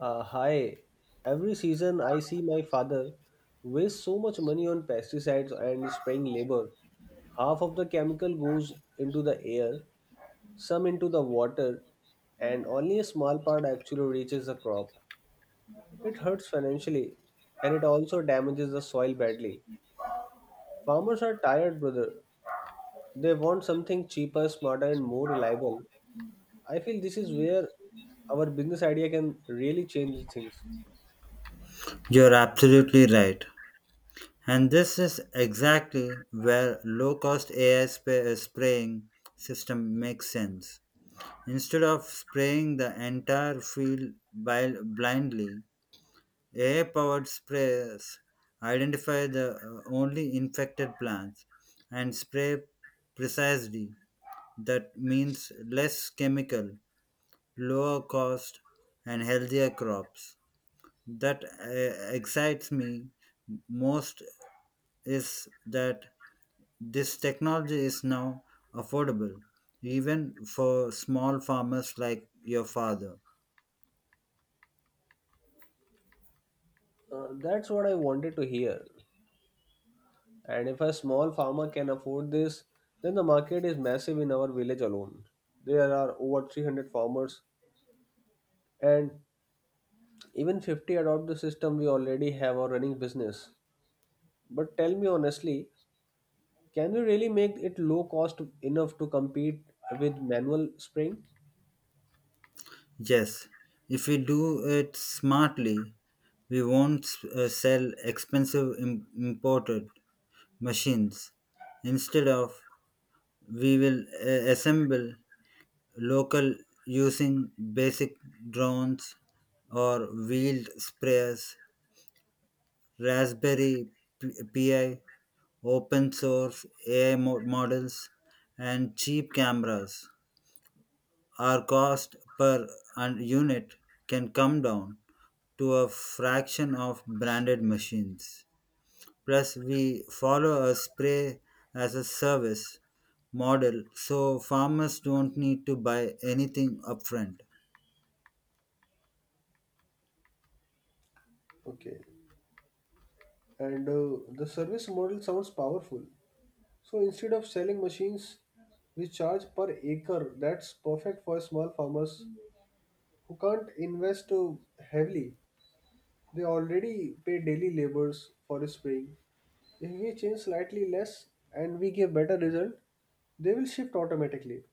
Uh, hi. Every season, I see my father waste so much money on pesticides and spraying labor. Half of the chemical goes into the air, some into the water, and only a small part actually reaches the crop. It hurts financially and it also damages the soil badly. Farmers are tired, brother. They want something cheaper, smarter, and more reliable. I feel this is where our business idea can really change things. You're absolutely right. And this is exactly where low cost AI spray, spraying system makes sense. Instead of spraying the entire field bil- blindly, AI powered sprays identify the uh, only infected plants and spray precisely. That means less chemical, lower cost, and healthier crops. That uh, excites me most is that this technology is now affordable, even for small farmers like your father. Uh, that's what I wanted to hear. And if a small farmer can afford this, then the market is massive in our village alone. There are over 300 farmers, and even 50 adopt the system we already have our running business. But tell me honestly, can we really make it low cost enough to compete with manual spraying? Yes, if we do it smartly, we won't uh, sell expensive im- imported machines. Instead of, we will uh, assemble local using basic drones or wheeled sprayers, Raspberry P- Pi Open source AI mo- models and cheap cameras. Our cost per un- unit can come down to a fraction of branded machines. Plus, we follow a spray as a service model so farmers don't need to buy anything upfront. Okay, and uh, the service model sounds powerful. So instead of selling machines, we charge per acre. That's perfect for small farmers who can't invest uh, heavily. They already pay daily labors for a spring. If we change slightly less and we give better result, they will shift automatically.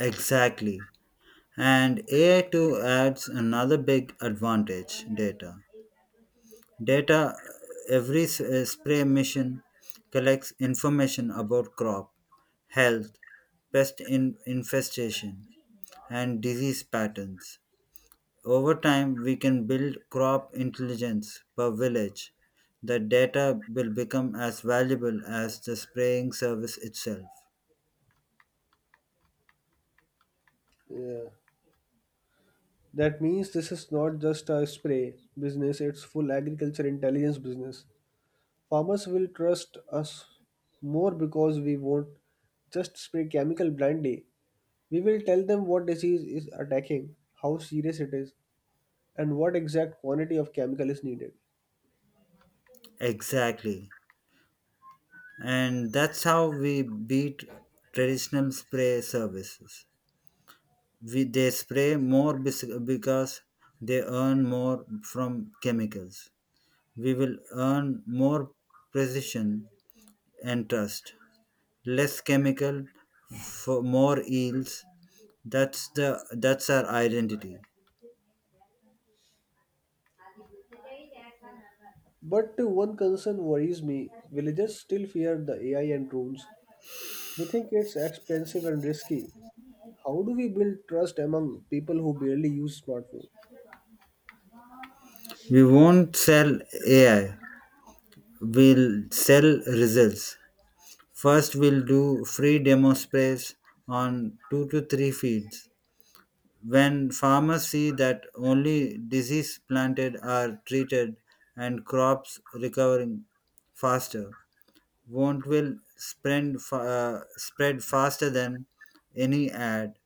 Exactly. And AI2 adds another big advantage data. Data Every s- uh, spray mission collects information about crop health, pest in- infestation, and disease patterns. Over time, we can build crop intelligence per village. The data will become as valuable as the spraying service itself. Yeah. That means this is not just a spray business, it's full agriculture intelligence business. Farmers will trust us more because we won't just spray chemical blindly. We will tell them what disease is attacking, how serious it is, and what exact quantity of chemical is needed. Exactly. And that's how we beat traditional spray services. We, they spray more bes- because they earn more from chemicals. We will earn more precision and trust. Less chemical for more yields. That's the that's our identity. But one concern worries me villagers still fear the AI and drones. They think it's expensive and risky. How do we build trust among people who barely use smartphone? We won't sell AI. We'll sell results. First, we'll do free demo sprays on two to three fields. When farmers see that only disease planted are treated and crops recovering faster, won't will spread, fa- uh, spread faster than any ad.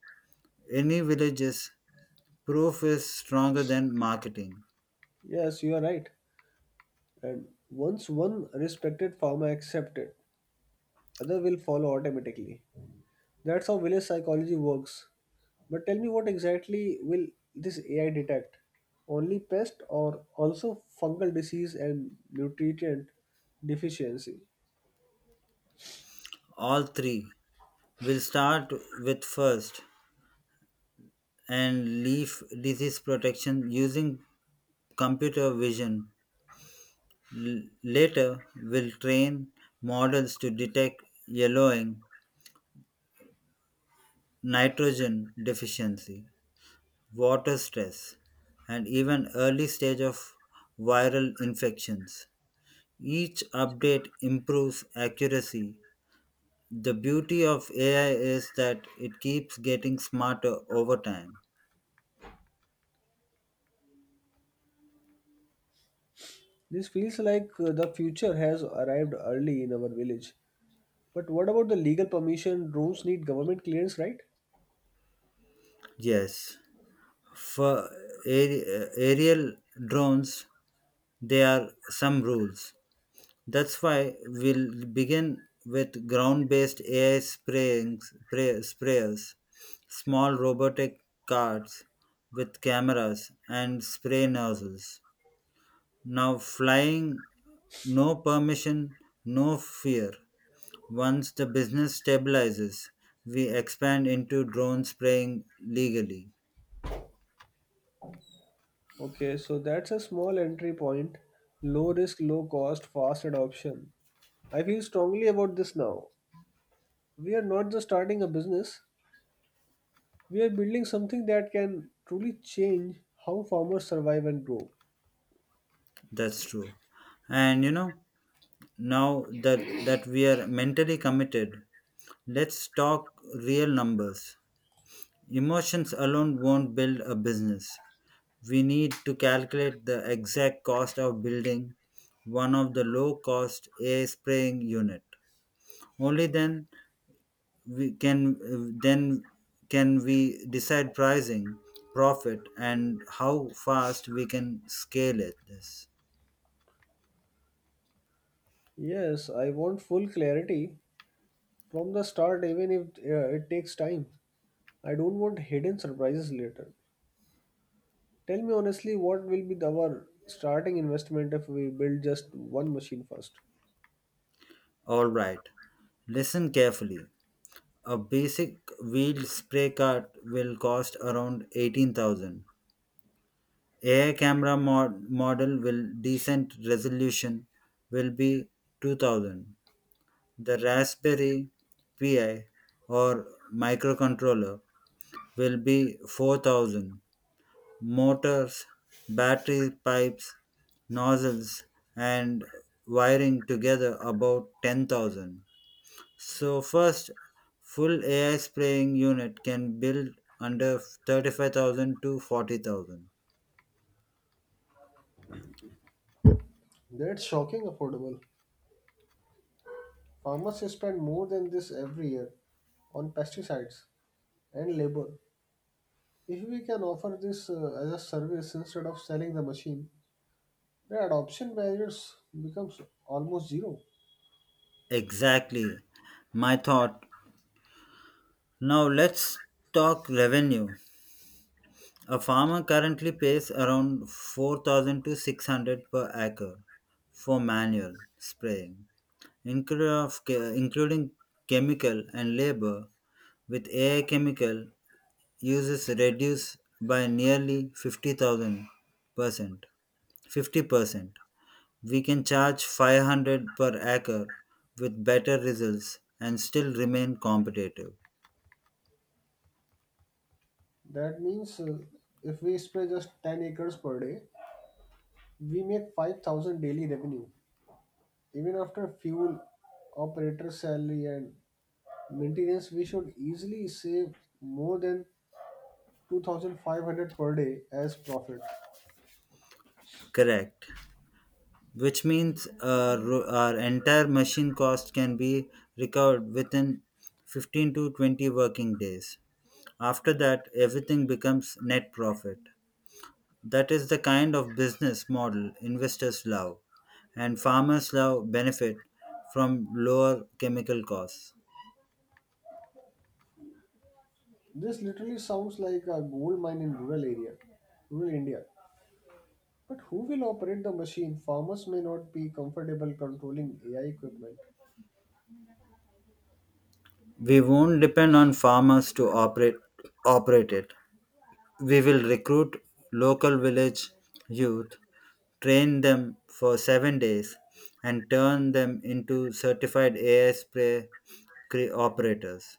Any villages proof is stronger than marketing. Yes, you are right. And once one respected farmer accepts it, other will follow automatically. That's how village psychology works. But tell me what exactly will this AI detect? Only pest or also fungal disease and nutrient deficiency? All three will start with first and leaf disease protection using computer vision. L- later, we'll train models to detect yellowing nitrogen deficiency, water stress, and even early stage of viral infections. Each update improves accuracy. The beauty of AI is that it keeps getting smarter over time. This feels like uh, the future has arrived early in our village. But what about the legal permission? Rooms need government clearance, right? Yes, for aer- aerial drones, there are some rules. That's why we'll begin with ground based AI spraying, spray, sprayers, small robotic carts with cameras and spray nozzles. Now, flying, no permission, no fear. Once the business stabilizes, we expand into drone spraying legally. Okay, so that's a small entry point. Low risk, low cost, fast adoption. I feel strongly about this now. We are not just starting a business, we are building something that can truly change how farmers survive and grow. That's true. And you know, now that, that we are mentally committed, let's talk real numbers. Emotions alone won't build a business. We need to calculate the exact cost of building one of the low cost air spraying unit. Only then we can then can we decide pricing, profit and how fast we can scale it this. Yes, I want full clarity from the start, even if uh, it takes time. I don't want hidden surprises later. Tell me honestly, what will be the- our starting investment if we build just one machine first? All right. Listen carefully. A basic wheel spray cart will cost around 18,000 AI camera mod- model will decent resolution will be 2000. The Raspberry Pi or microcontroller will be 4000. Motors, battery pipes, nozzles and wiring together about 10,000. So first full AI spraying unit can build under 35,000 to 40,000. That's shocking affordable. Farmers spend more than this every year on pesticides and labor. If we can offer this uh, as a service instead of selling the machine, the adoption barriers becomes almost zero. Exactly. My thought Now let's talk revenue. A farmer currently pays around 4000 to 600 per acre for manual spraying, including of che- including chemical and labor with AI chemical uses reduced by nearly 50,000 percent 50%. We can charge 500 per acre with better results and still remain competitive. That means uh, if we spray just 10 acres per day, we make 5000 daily revenue even after fuel operator salary and Maintenance, we should easily save more than 2500 per day as profit. Correct. which means uh, ro- our entire machine cost can be recovered within 15 to 20 working days. After that, everything becomes net profit. That is the kind of business model investors love, and farmers love benefit from lower chemical costs. This literally sounds like a gold mine in rural area, rural India. But who will operate the machine? Farmers may not be comfortable controlling AI equipment. We won't depend on farmers to operate operate it. We will recruit local village youth, train them for seven days, and turn them into certified AI spray cre- operators.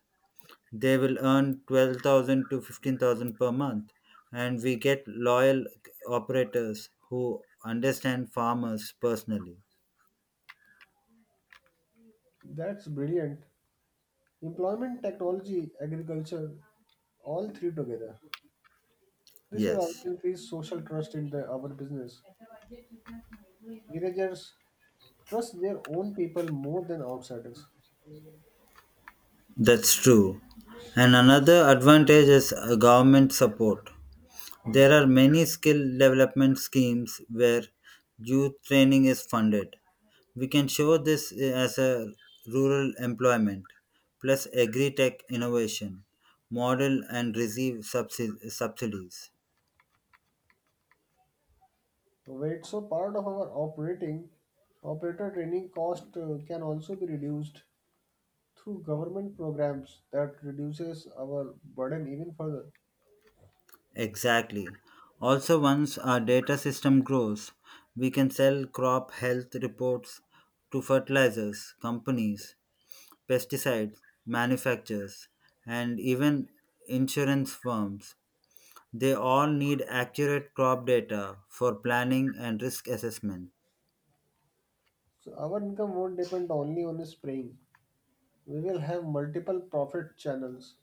They will earn 12,000 to 15,000 per month, and we get loyal operators who understand farmers personally. That's brilliant. Employment, technology, agriculture, all three together. This will also Yes, increase social trust in the, our business. Villagers trust their own people more than outsiders. that's true. And another advantage is uh, government support. There are many skill development schemes where youth training is funded. We can show this eh, as a rural employment plus agri tech innovation model and receive subsi- subsidies. Wait, so part of our operating operator training cost uh, can also be reduced through government programs that reduces our burden even further. Exactly. Also, once our data system grows, we can sell crop health reports to fertilizers, companies, pesticide manufacturers, and even insurance firms. They all need accurate crop data for planning and risk assessment. So our income won't depend only on spraying. We will have multiple profit channels.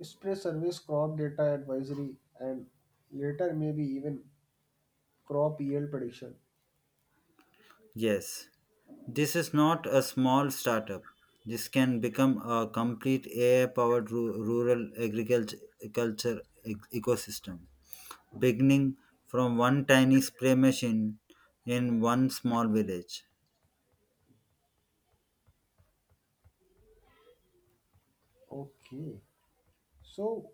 Spray service, crop data advisory, and later maybe even crop yield prediction. Yes, this is not a small startup. This can become a complete AI powered rural agriculture ec- ecosystem, beginning from one tiny spray machine in one small village. Okay. So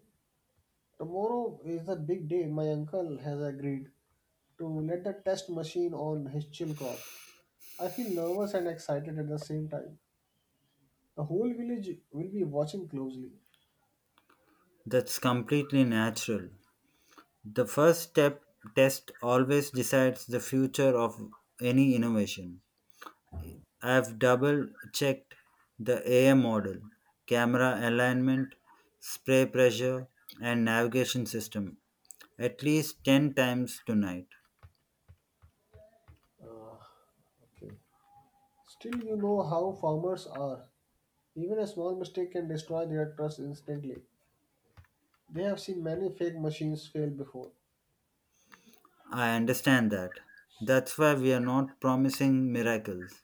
tomorrow is a big day. My uncle has agreed to let the test machine on his chill crop. I feel nervous and excited at the same time. The whole village will be watching closely. That's completely natural. The first step test always decides the future of any innovation. I've double checked the AM model, camera alignment, spray pressure, and navigation system at least 10 times tonight. Ah, okay. Still, you know how farmers are. Even a small mistake can destroy their trust instantly. They have seen many fake machines fail before. I understand that. That's why we are not promising miracles.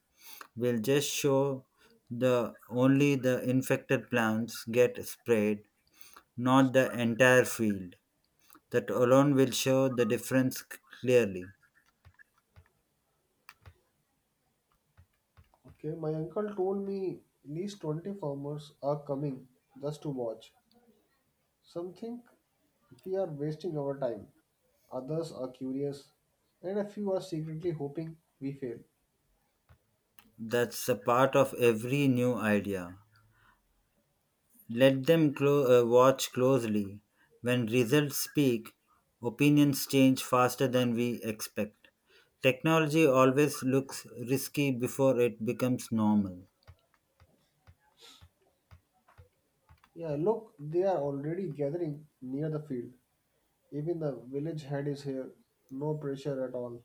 We'll just show the only the infected plants get sprayed, not the entire field. That alone will show the difference clearly. Okay, my uncle told me at least 20 farmers are coming just to watch. Some think we are wasting our time, others are curious, and a few are secretly hoping we fail. That's a part of every new idea. Let them clo- uh, watch closely. When results speak, opinions change faster than we expect. Technology always looks risky before it becomes normal. Yeah, look, they are already gathering near the field. Even the village head is here. No pressure at all.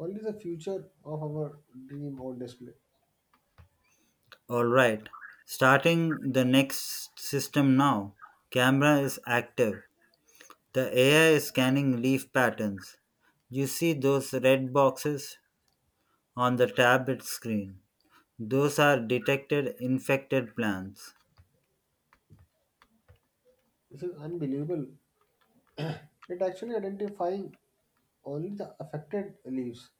Only the future of our dream on display. Alright, starting the next system now. Camera is active. The AI is scanning leaf patterns. You see those red boxes on the tablet screen. Those are detected infected plants. This is unbelievable. It actually identifying only the affected leaves.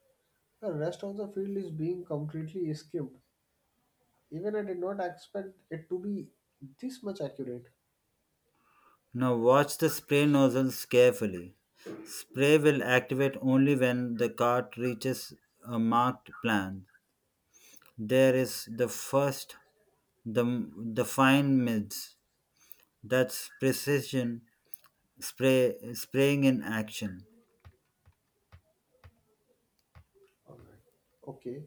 The rest of the field is being completely skimmed. Even I did not expect it to be this much accurate. Now watch the spray nozzles carefully. Spray will activate only when the cart reaches a marked plant. There is the first, the, the fine mids. That's precision spray spraying in action. Alright. Okay.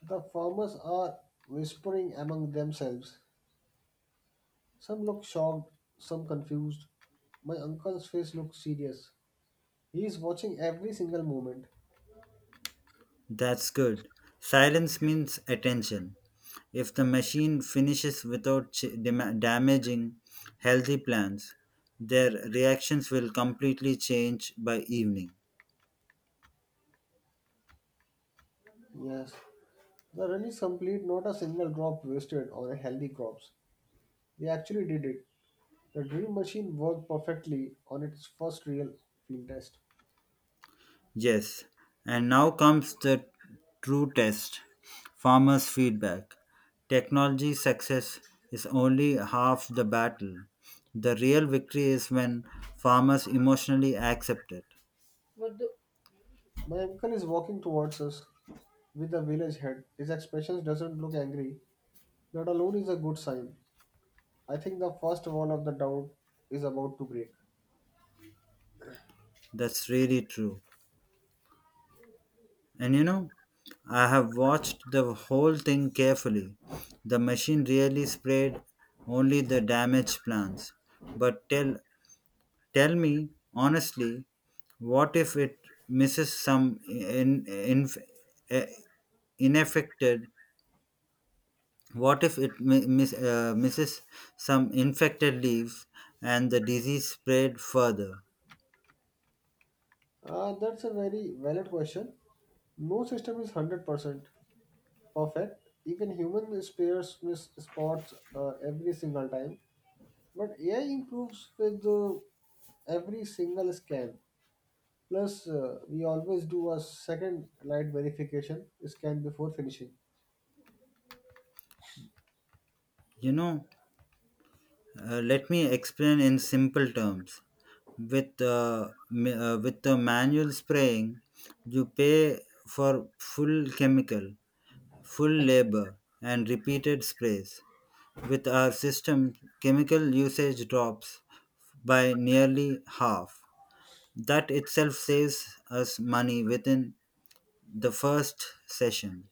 The farmers are whispering among themselves. Some look shocked, some confused. My uncle's face looks serious. He is watching every single movement. That's good. Silence means attention. If the machine finishes without ch- dam- damaging healthy plants, their reactions will completely change by evening. Yes, the run is complete, not a single drop wasted on a healthy crops. They actually did it. The dream machine worked perfectly on its first real field test. Yes, and now comes the true test farmers' feedback. Technology success is only half the battle. The real victory is when farmers emotionally accept it. My uncle is walking towards us with the village head. His expression doesn't look angry. That alone is a good sign. I think the first wall of the doubt is about to break. That's really true. And you know, I have watched the whole thing carefully. The machine really sprayed only the damaged plants, but till Tell me honestly, what if it misses some in, in, eh, ineffected? What if it mi- miss, uh, misses some infected leaves and the disease spread further? Uh, that's a very valid question. No system is 100% perfect. Even human spares miss spots uh, every single time. But AI improves with uh, every single scan. Plus, uh, we always do a second light verification scan before finishing. You know, uh, let me explain in simple terms. With uh, ma- uh, with the manual spraying, you pay for full chemical, full labor, and repeated sprays. With our system, chemical usage drops by nearly half. That itself saves us money within the first session.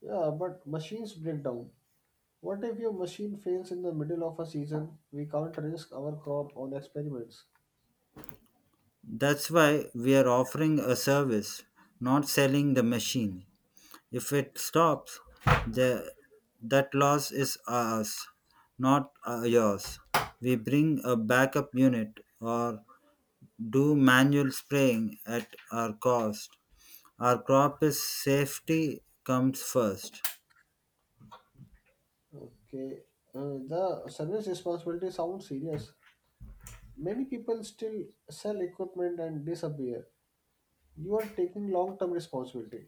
Yeah, but machines break down. What if your machine fails in the middle of a season? We can't risk our crop on experiments. That's why we are offering a service, not selling the machine. If it stops, the, that loss is ours, not uh, yours. We bring a backup unit or do manual spraying at our cost. Our crop is safety comes first. Okay, uh, the service responsibility sounds serious, Many people still sell equipment and disappear. You are taking long term responsibility.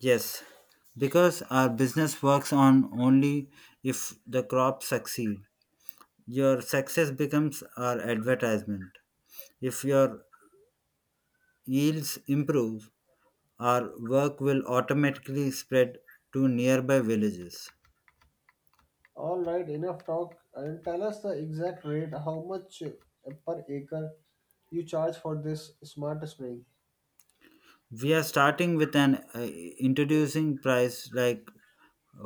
Yes, because our business works on only if the crop succeed. Your success becomes our advertisement. If your yields improve, our work will automatically spread to nearby villages. Alright, enough talk and tell us the exact rate how much uh, per acre you charge for this smart spraying. We are starting with an uh, introducing price like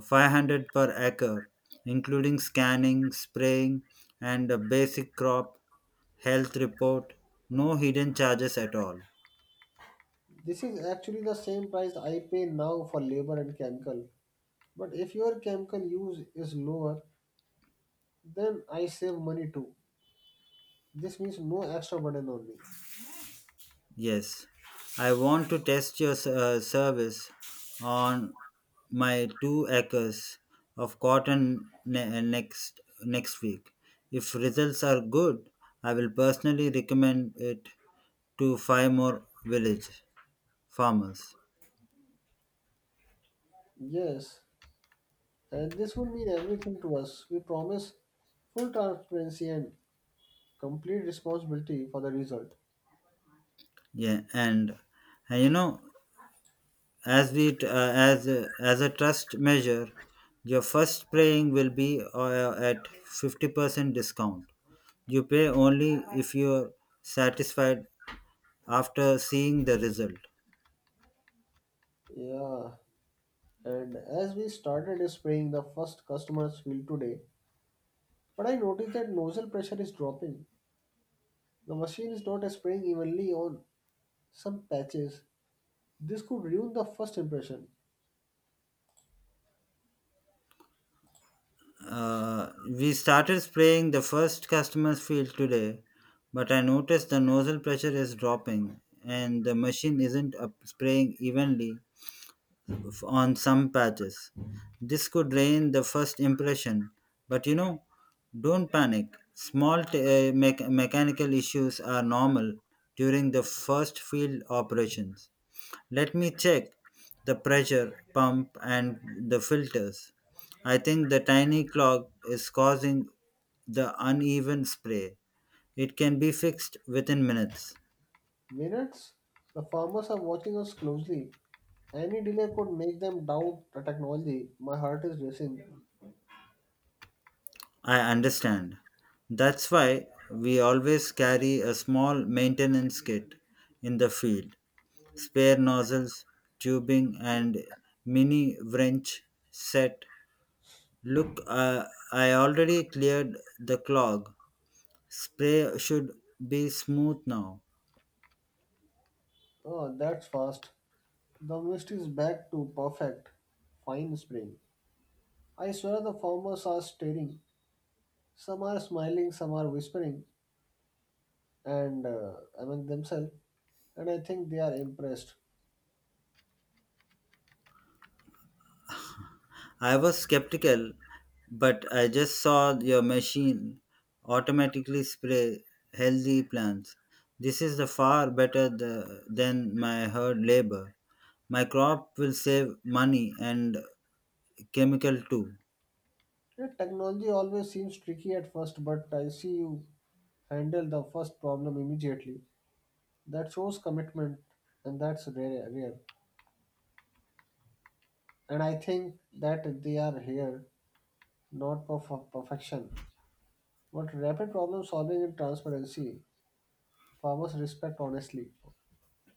500 per acre, including scanning, spraying, and a basic crop health report. No hidden charges at all. This is actually the same price I pay now for labor and chemical. But if your chemical use is lower, then I save money too. This means no extra burden on me. Yes, I want to test your s- uh, service on my two acres of cotton ne- uh, next next week. If results are good, I will personally recommend it to five more village farmers. Yes, and this would mean everything to us. We promise full transparency and complete responsibility for the result. Yeah, and and you know As the t- uh, as a- as a trust measure, your first praying will be uh, at 50% discount. You pay only if you're satisfied after seeing the result. Yeah, and as we started spraying, the first customers field today, but I noticed that nozzle pressure is dropping. The machine is not spraying evenly on some patches. This could ruin the first impression. Uh, we started spraying the first customer's field today, but I noticed the nozzle pressure is dropping and the machine isn't up spraying evenly on some patches. This could ruin the first impression, but you know, don't panic. Small t- uh, mech- mechanical issues are normal during the first field operations. Let me check the pressure pump and the filters. I think the tiny clog is causing the uneven spray. It can be fixed within minutes. Minutes? The farmers are watching us closely. Any delay could make them doubt the technology. My heart is racing. I understand. That's why we always carry a small maintenance kit in the field spare nozzles, tubing, and mini wrench set. Look, uh, I already cleared the clog. Spray should be smooth now. Oh, that's fast. The mist is back to perfect. Fine spring. I swear the farmers are staring. Some are smiling, some are whispering, and uh, among themselves, and I think they are impressed. I was skeptical, but I just saw your machine automatically spray healthy plants. This is the far better the, than my hard labor. My crop will save money and chemical too. You technology always seems tricky at first, but I see you handle the first problem immediately. That shows commitment, and that's rare. rare. And I think that they are here not for for perfection, but rapid problem solving and transparency. Farmers respect honestly,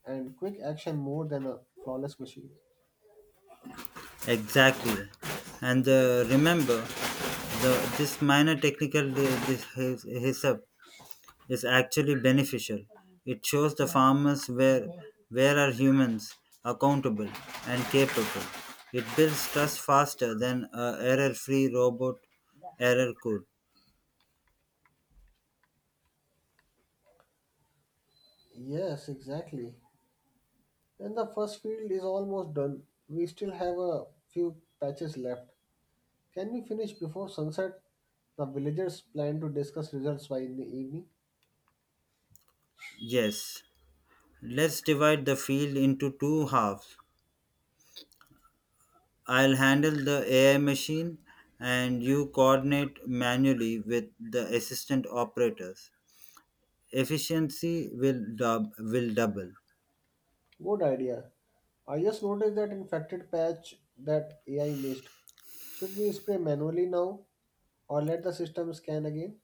and quick action more than a flawless machine. Exactly. And uh, remember, the this minor technical di- dis- his- hiccup is actually beneficial. It shows the farmers where where are humans accountable and capable. It builds trust faster than a error-free robot error could. Yes, exactly. And the first field is almost done. We still have a few patches left. Can we finish before sunset? The villagers plan to discuss results by in the evening. Yes. Let's divide the field into two halves. I'll handle the AI machine and you coordinate manually with the assistant operators. Efficiency will dub will double. Good idea. I just noticed that infected patch that AI missed. Should we spray manually now or let the system scan again?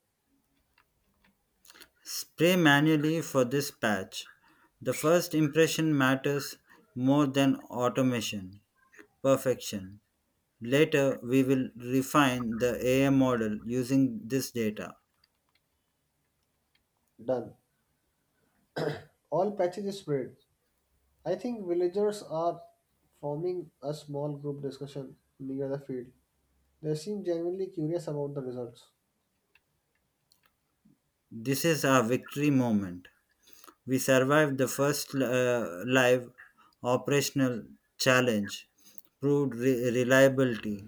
Spray manually for this patch. The first impression matters more than automation perfection. Later, we will refine the AI model using this data. Done. All patches sprayed. I think villagers are forming a small group discussion near the field. They seem genuinely curious about the results. This is our victory moment. We survived the first uh, live operational challenge, proved re- reliability,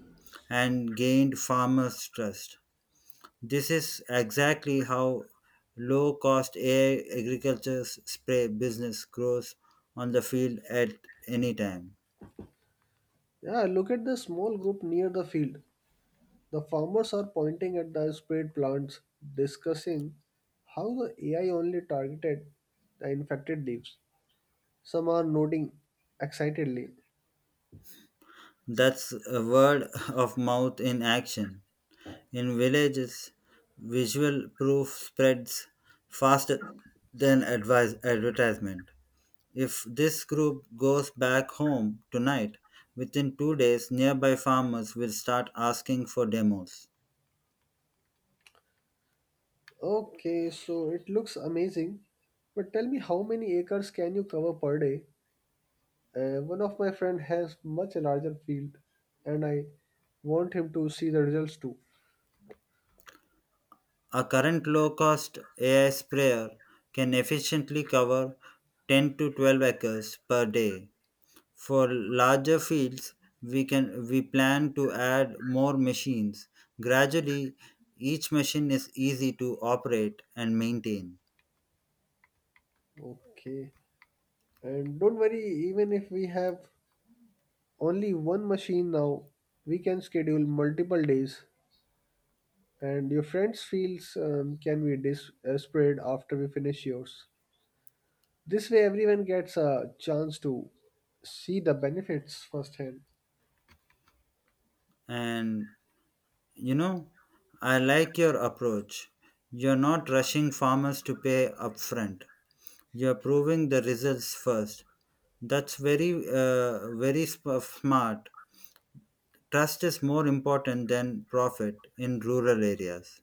and gained farmers' trust. This is exactly how low cost AI agriculture s- spray business grows on the field at any time. Yeah, look at the small group near the field. The farmers are pointing at the sprayed plants, discussing how the AI only targeted the infected leaves. Some are nodding excitedly. That's a word of mouth in action. In villages, visual proof spreads faster than advise, advertisement. If this group goes back home tonight, within two days, nearby farmers will start asking for demos. Okay, so it looks amazing, but tell me how many acres can you cover per day? Uh, one of my friend has much larger field, and I want him to see the results too. A current low cost AI sprayer can efficiently cover 10 to 12 acres per day. For larger fields, we can we plan to add more machines. Gradually, each machine is easy to operate and maintain. Okay, and don't worry, even if we have only one machine now we can schedule multiple days and your friends feels um, can be dis- uh, spread after we finish yours this way everyone gets a chance to see the benefits firsthand And you know, I like your approach. You're not rushing farmers to pay upfront. You're proving the results first. That's very, uh, very sp- smart Trust is more important than profit in rural areas.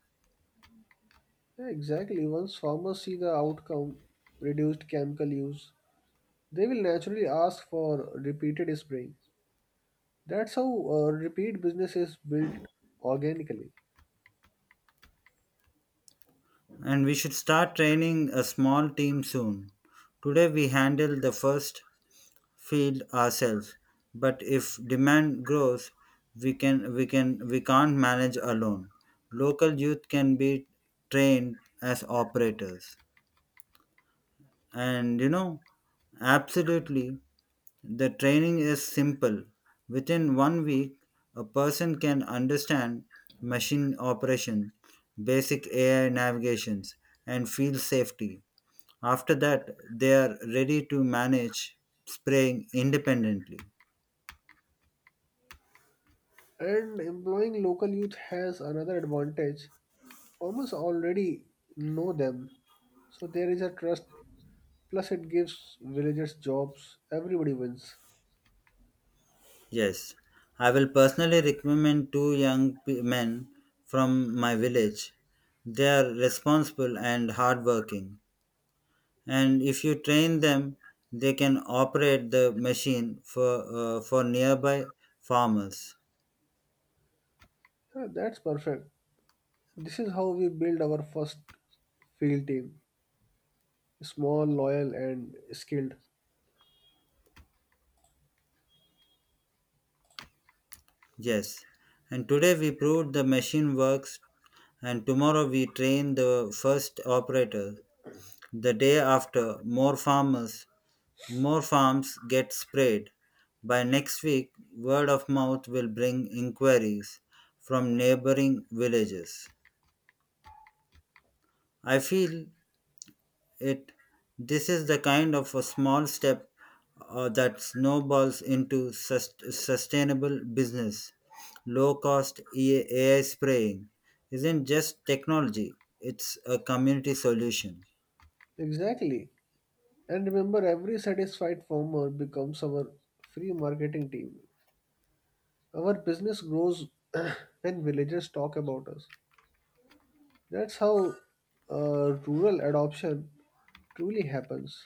yeah, exactly once farmers see the outcome reduced chemical use they will naturally ask for repeated spraying that's how uh, repeat business is built organically And we should start training a small team soon. Today we handle the first field ourselves, but if demand grows, we can we can we can't manage alone. Local youth can be trained as operators. And you know, absolutely The training is simple. Within one week, a person can understand machine operation, basic AI navigations, and field safety. After that, they are ready to manage spraying independently. and employing local youth has another advantage Farmers already know them, so there is a trust. Plus, it gives villagers jobs. Everybody wins. Yes, I will personally recommend two young p- men from my village. They are responsible and hardworking. and if you train them they can operate the machine for uh, for nearby farmers Yeah, that's perfect. This is how we build our first field team small, loyal, and skilled. yes and today we proved the machine works and tomorrow we train the first operator the day after more farmers more farms get sprayed by next week word of mouth will bring inquiries from neighboring villages i feel It this is the kind of a small step uh, that snowballs into sus- sustainable business. Low cost E- AI spraying isn't just technology; it's a community solution. Exactly. And remember, every satisfied farmer becomes our free marketing team. Our business grows and villagers talk about us. That's how uh, rural adoption truly happens.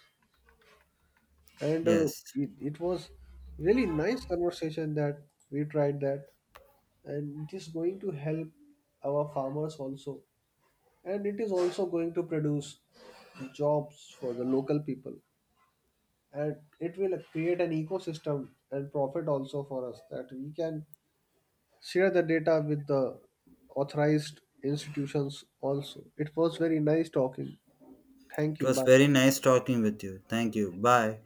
and uh, Yes, it, it was really nice conversation that we tried that and it is going to help our farmers also and it is also going to produce jobs for the local people and it will create an ecosystem and profit also for us that we can share the data with the authorized institutions also it was very nice talking thank it you was bye very nice talking with you. Thank you. Bye.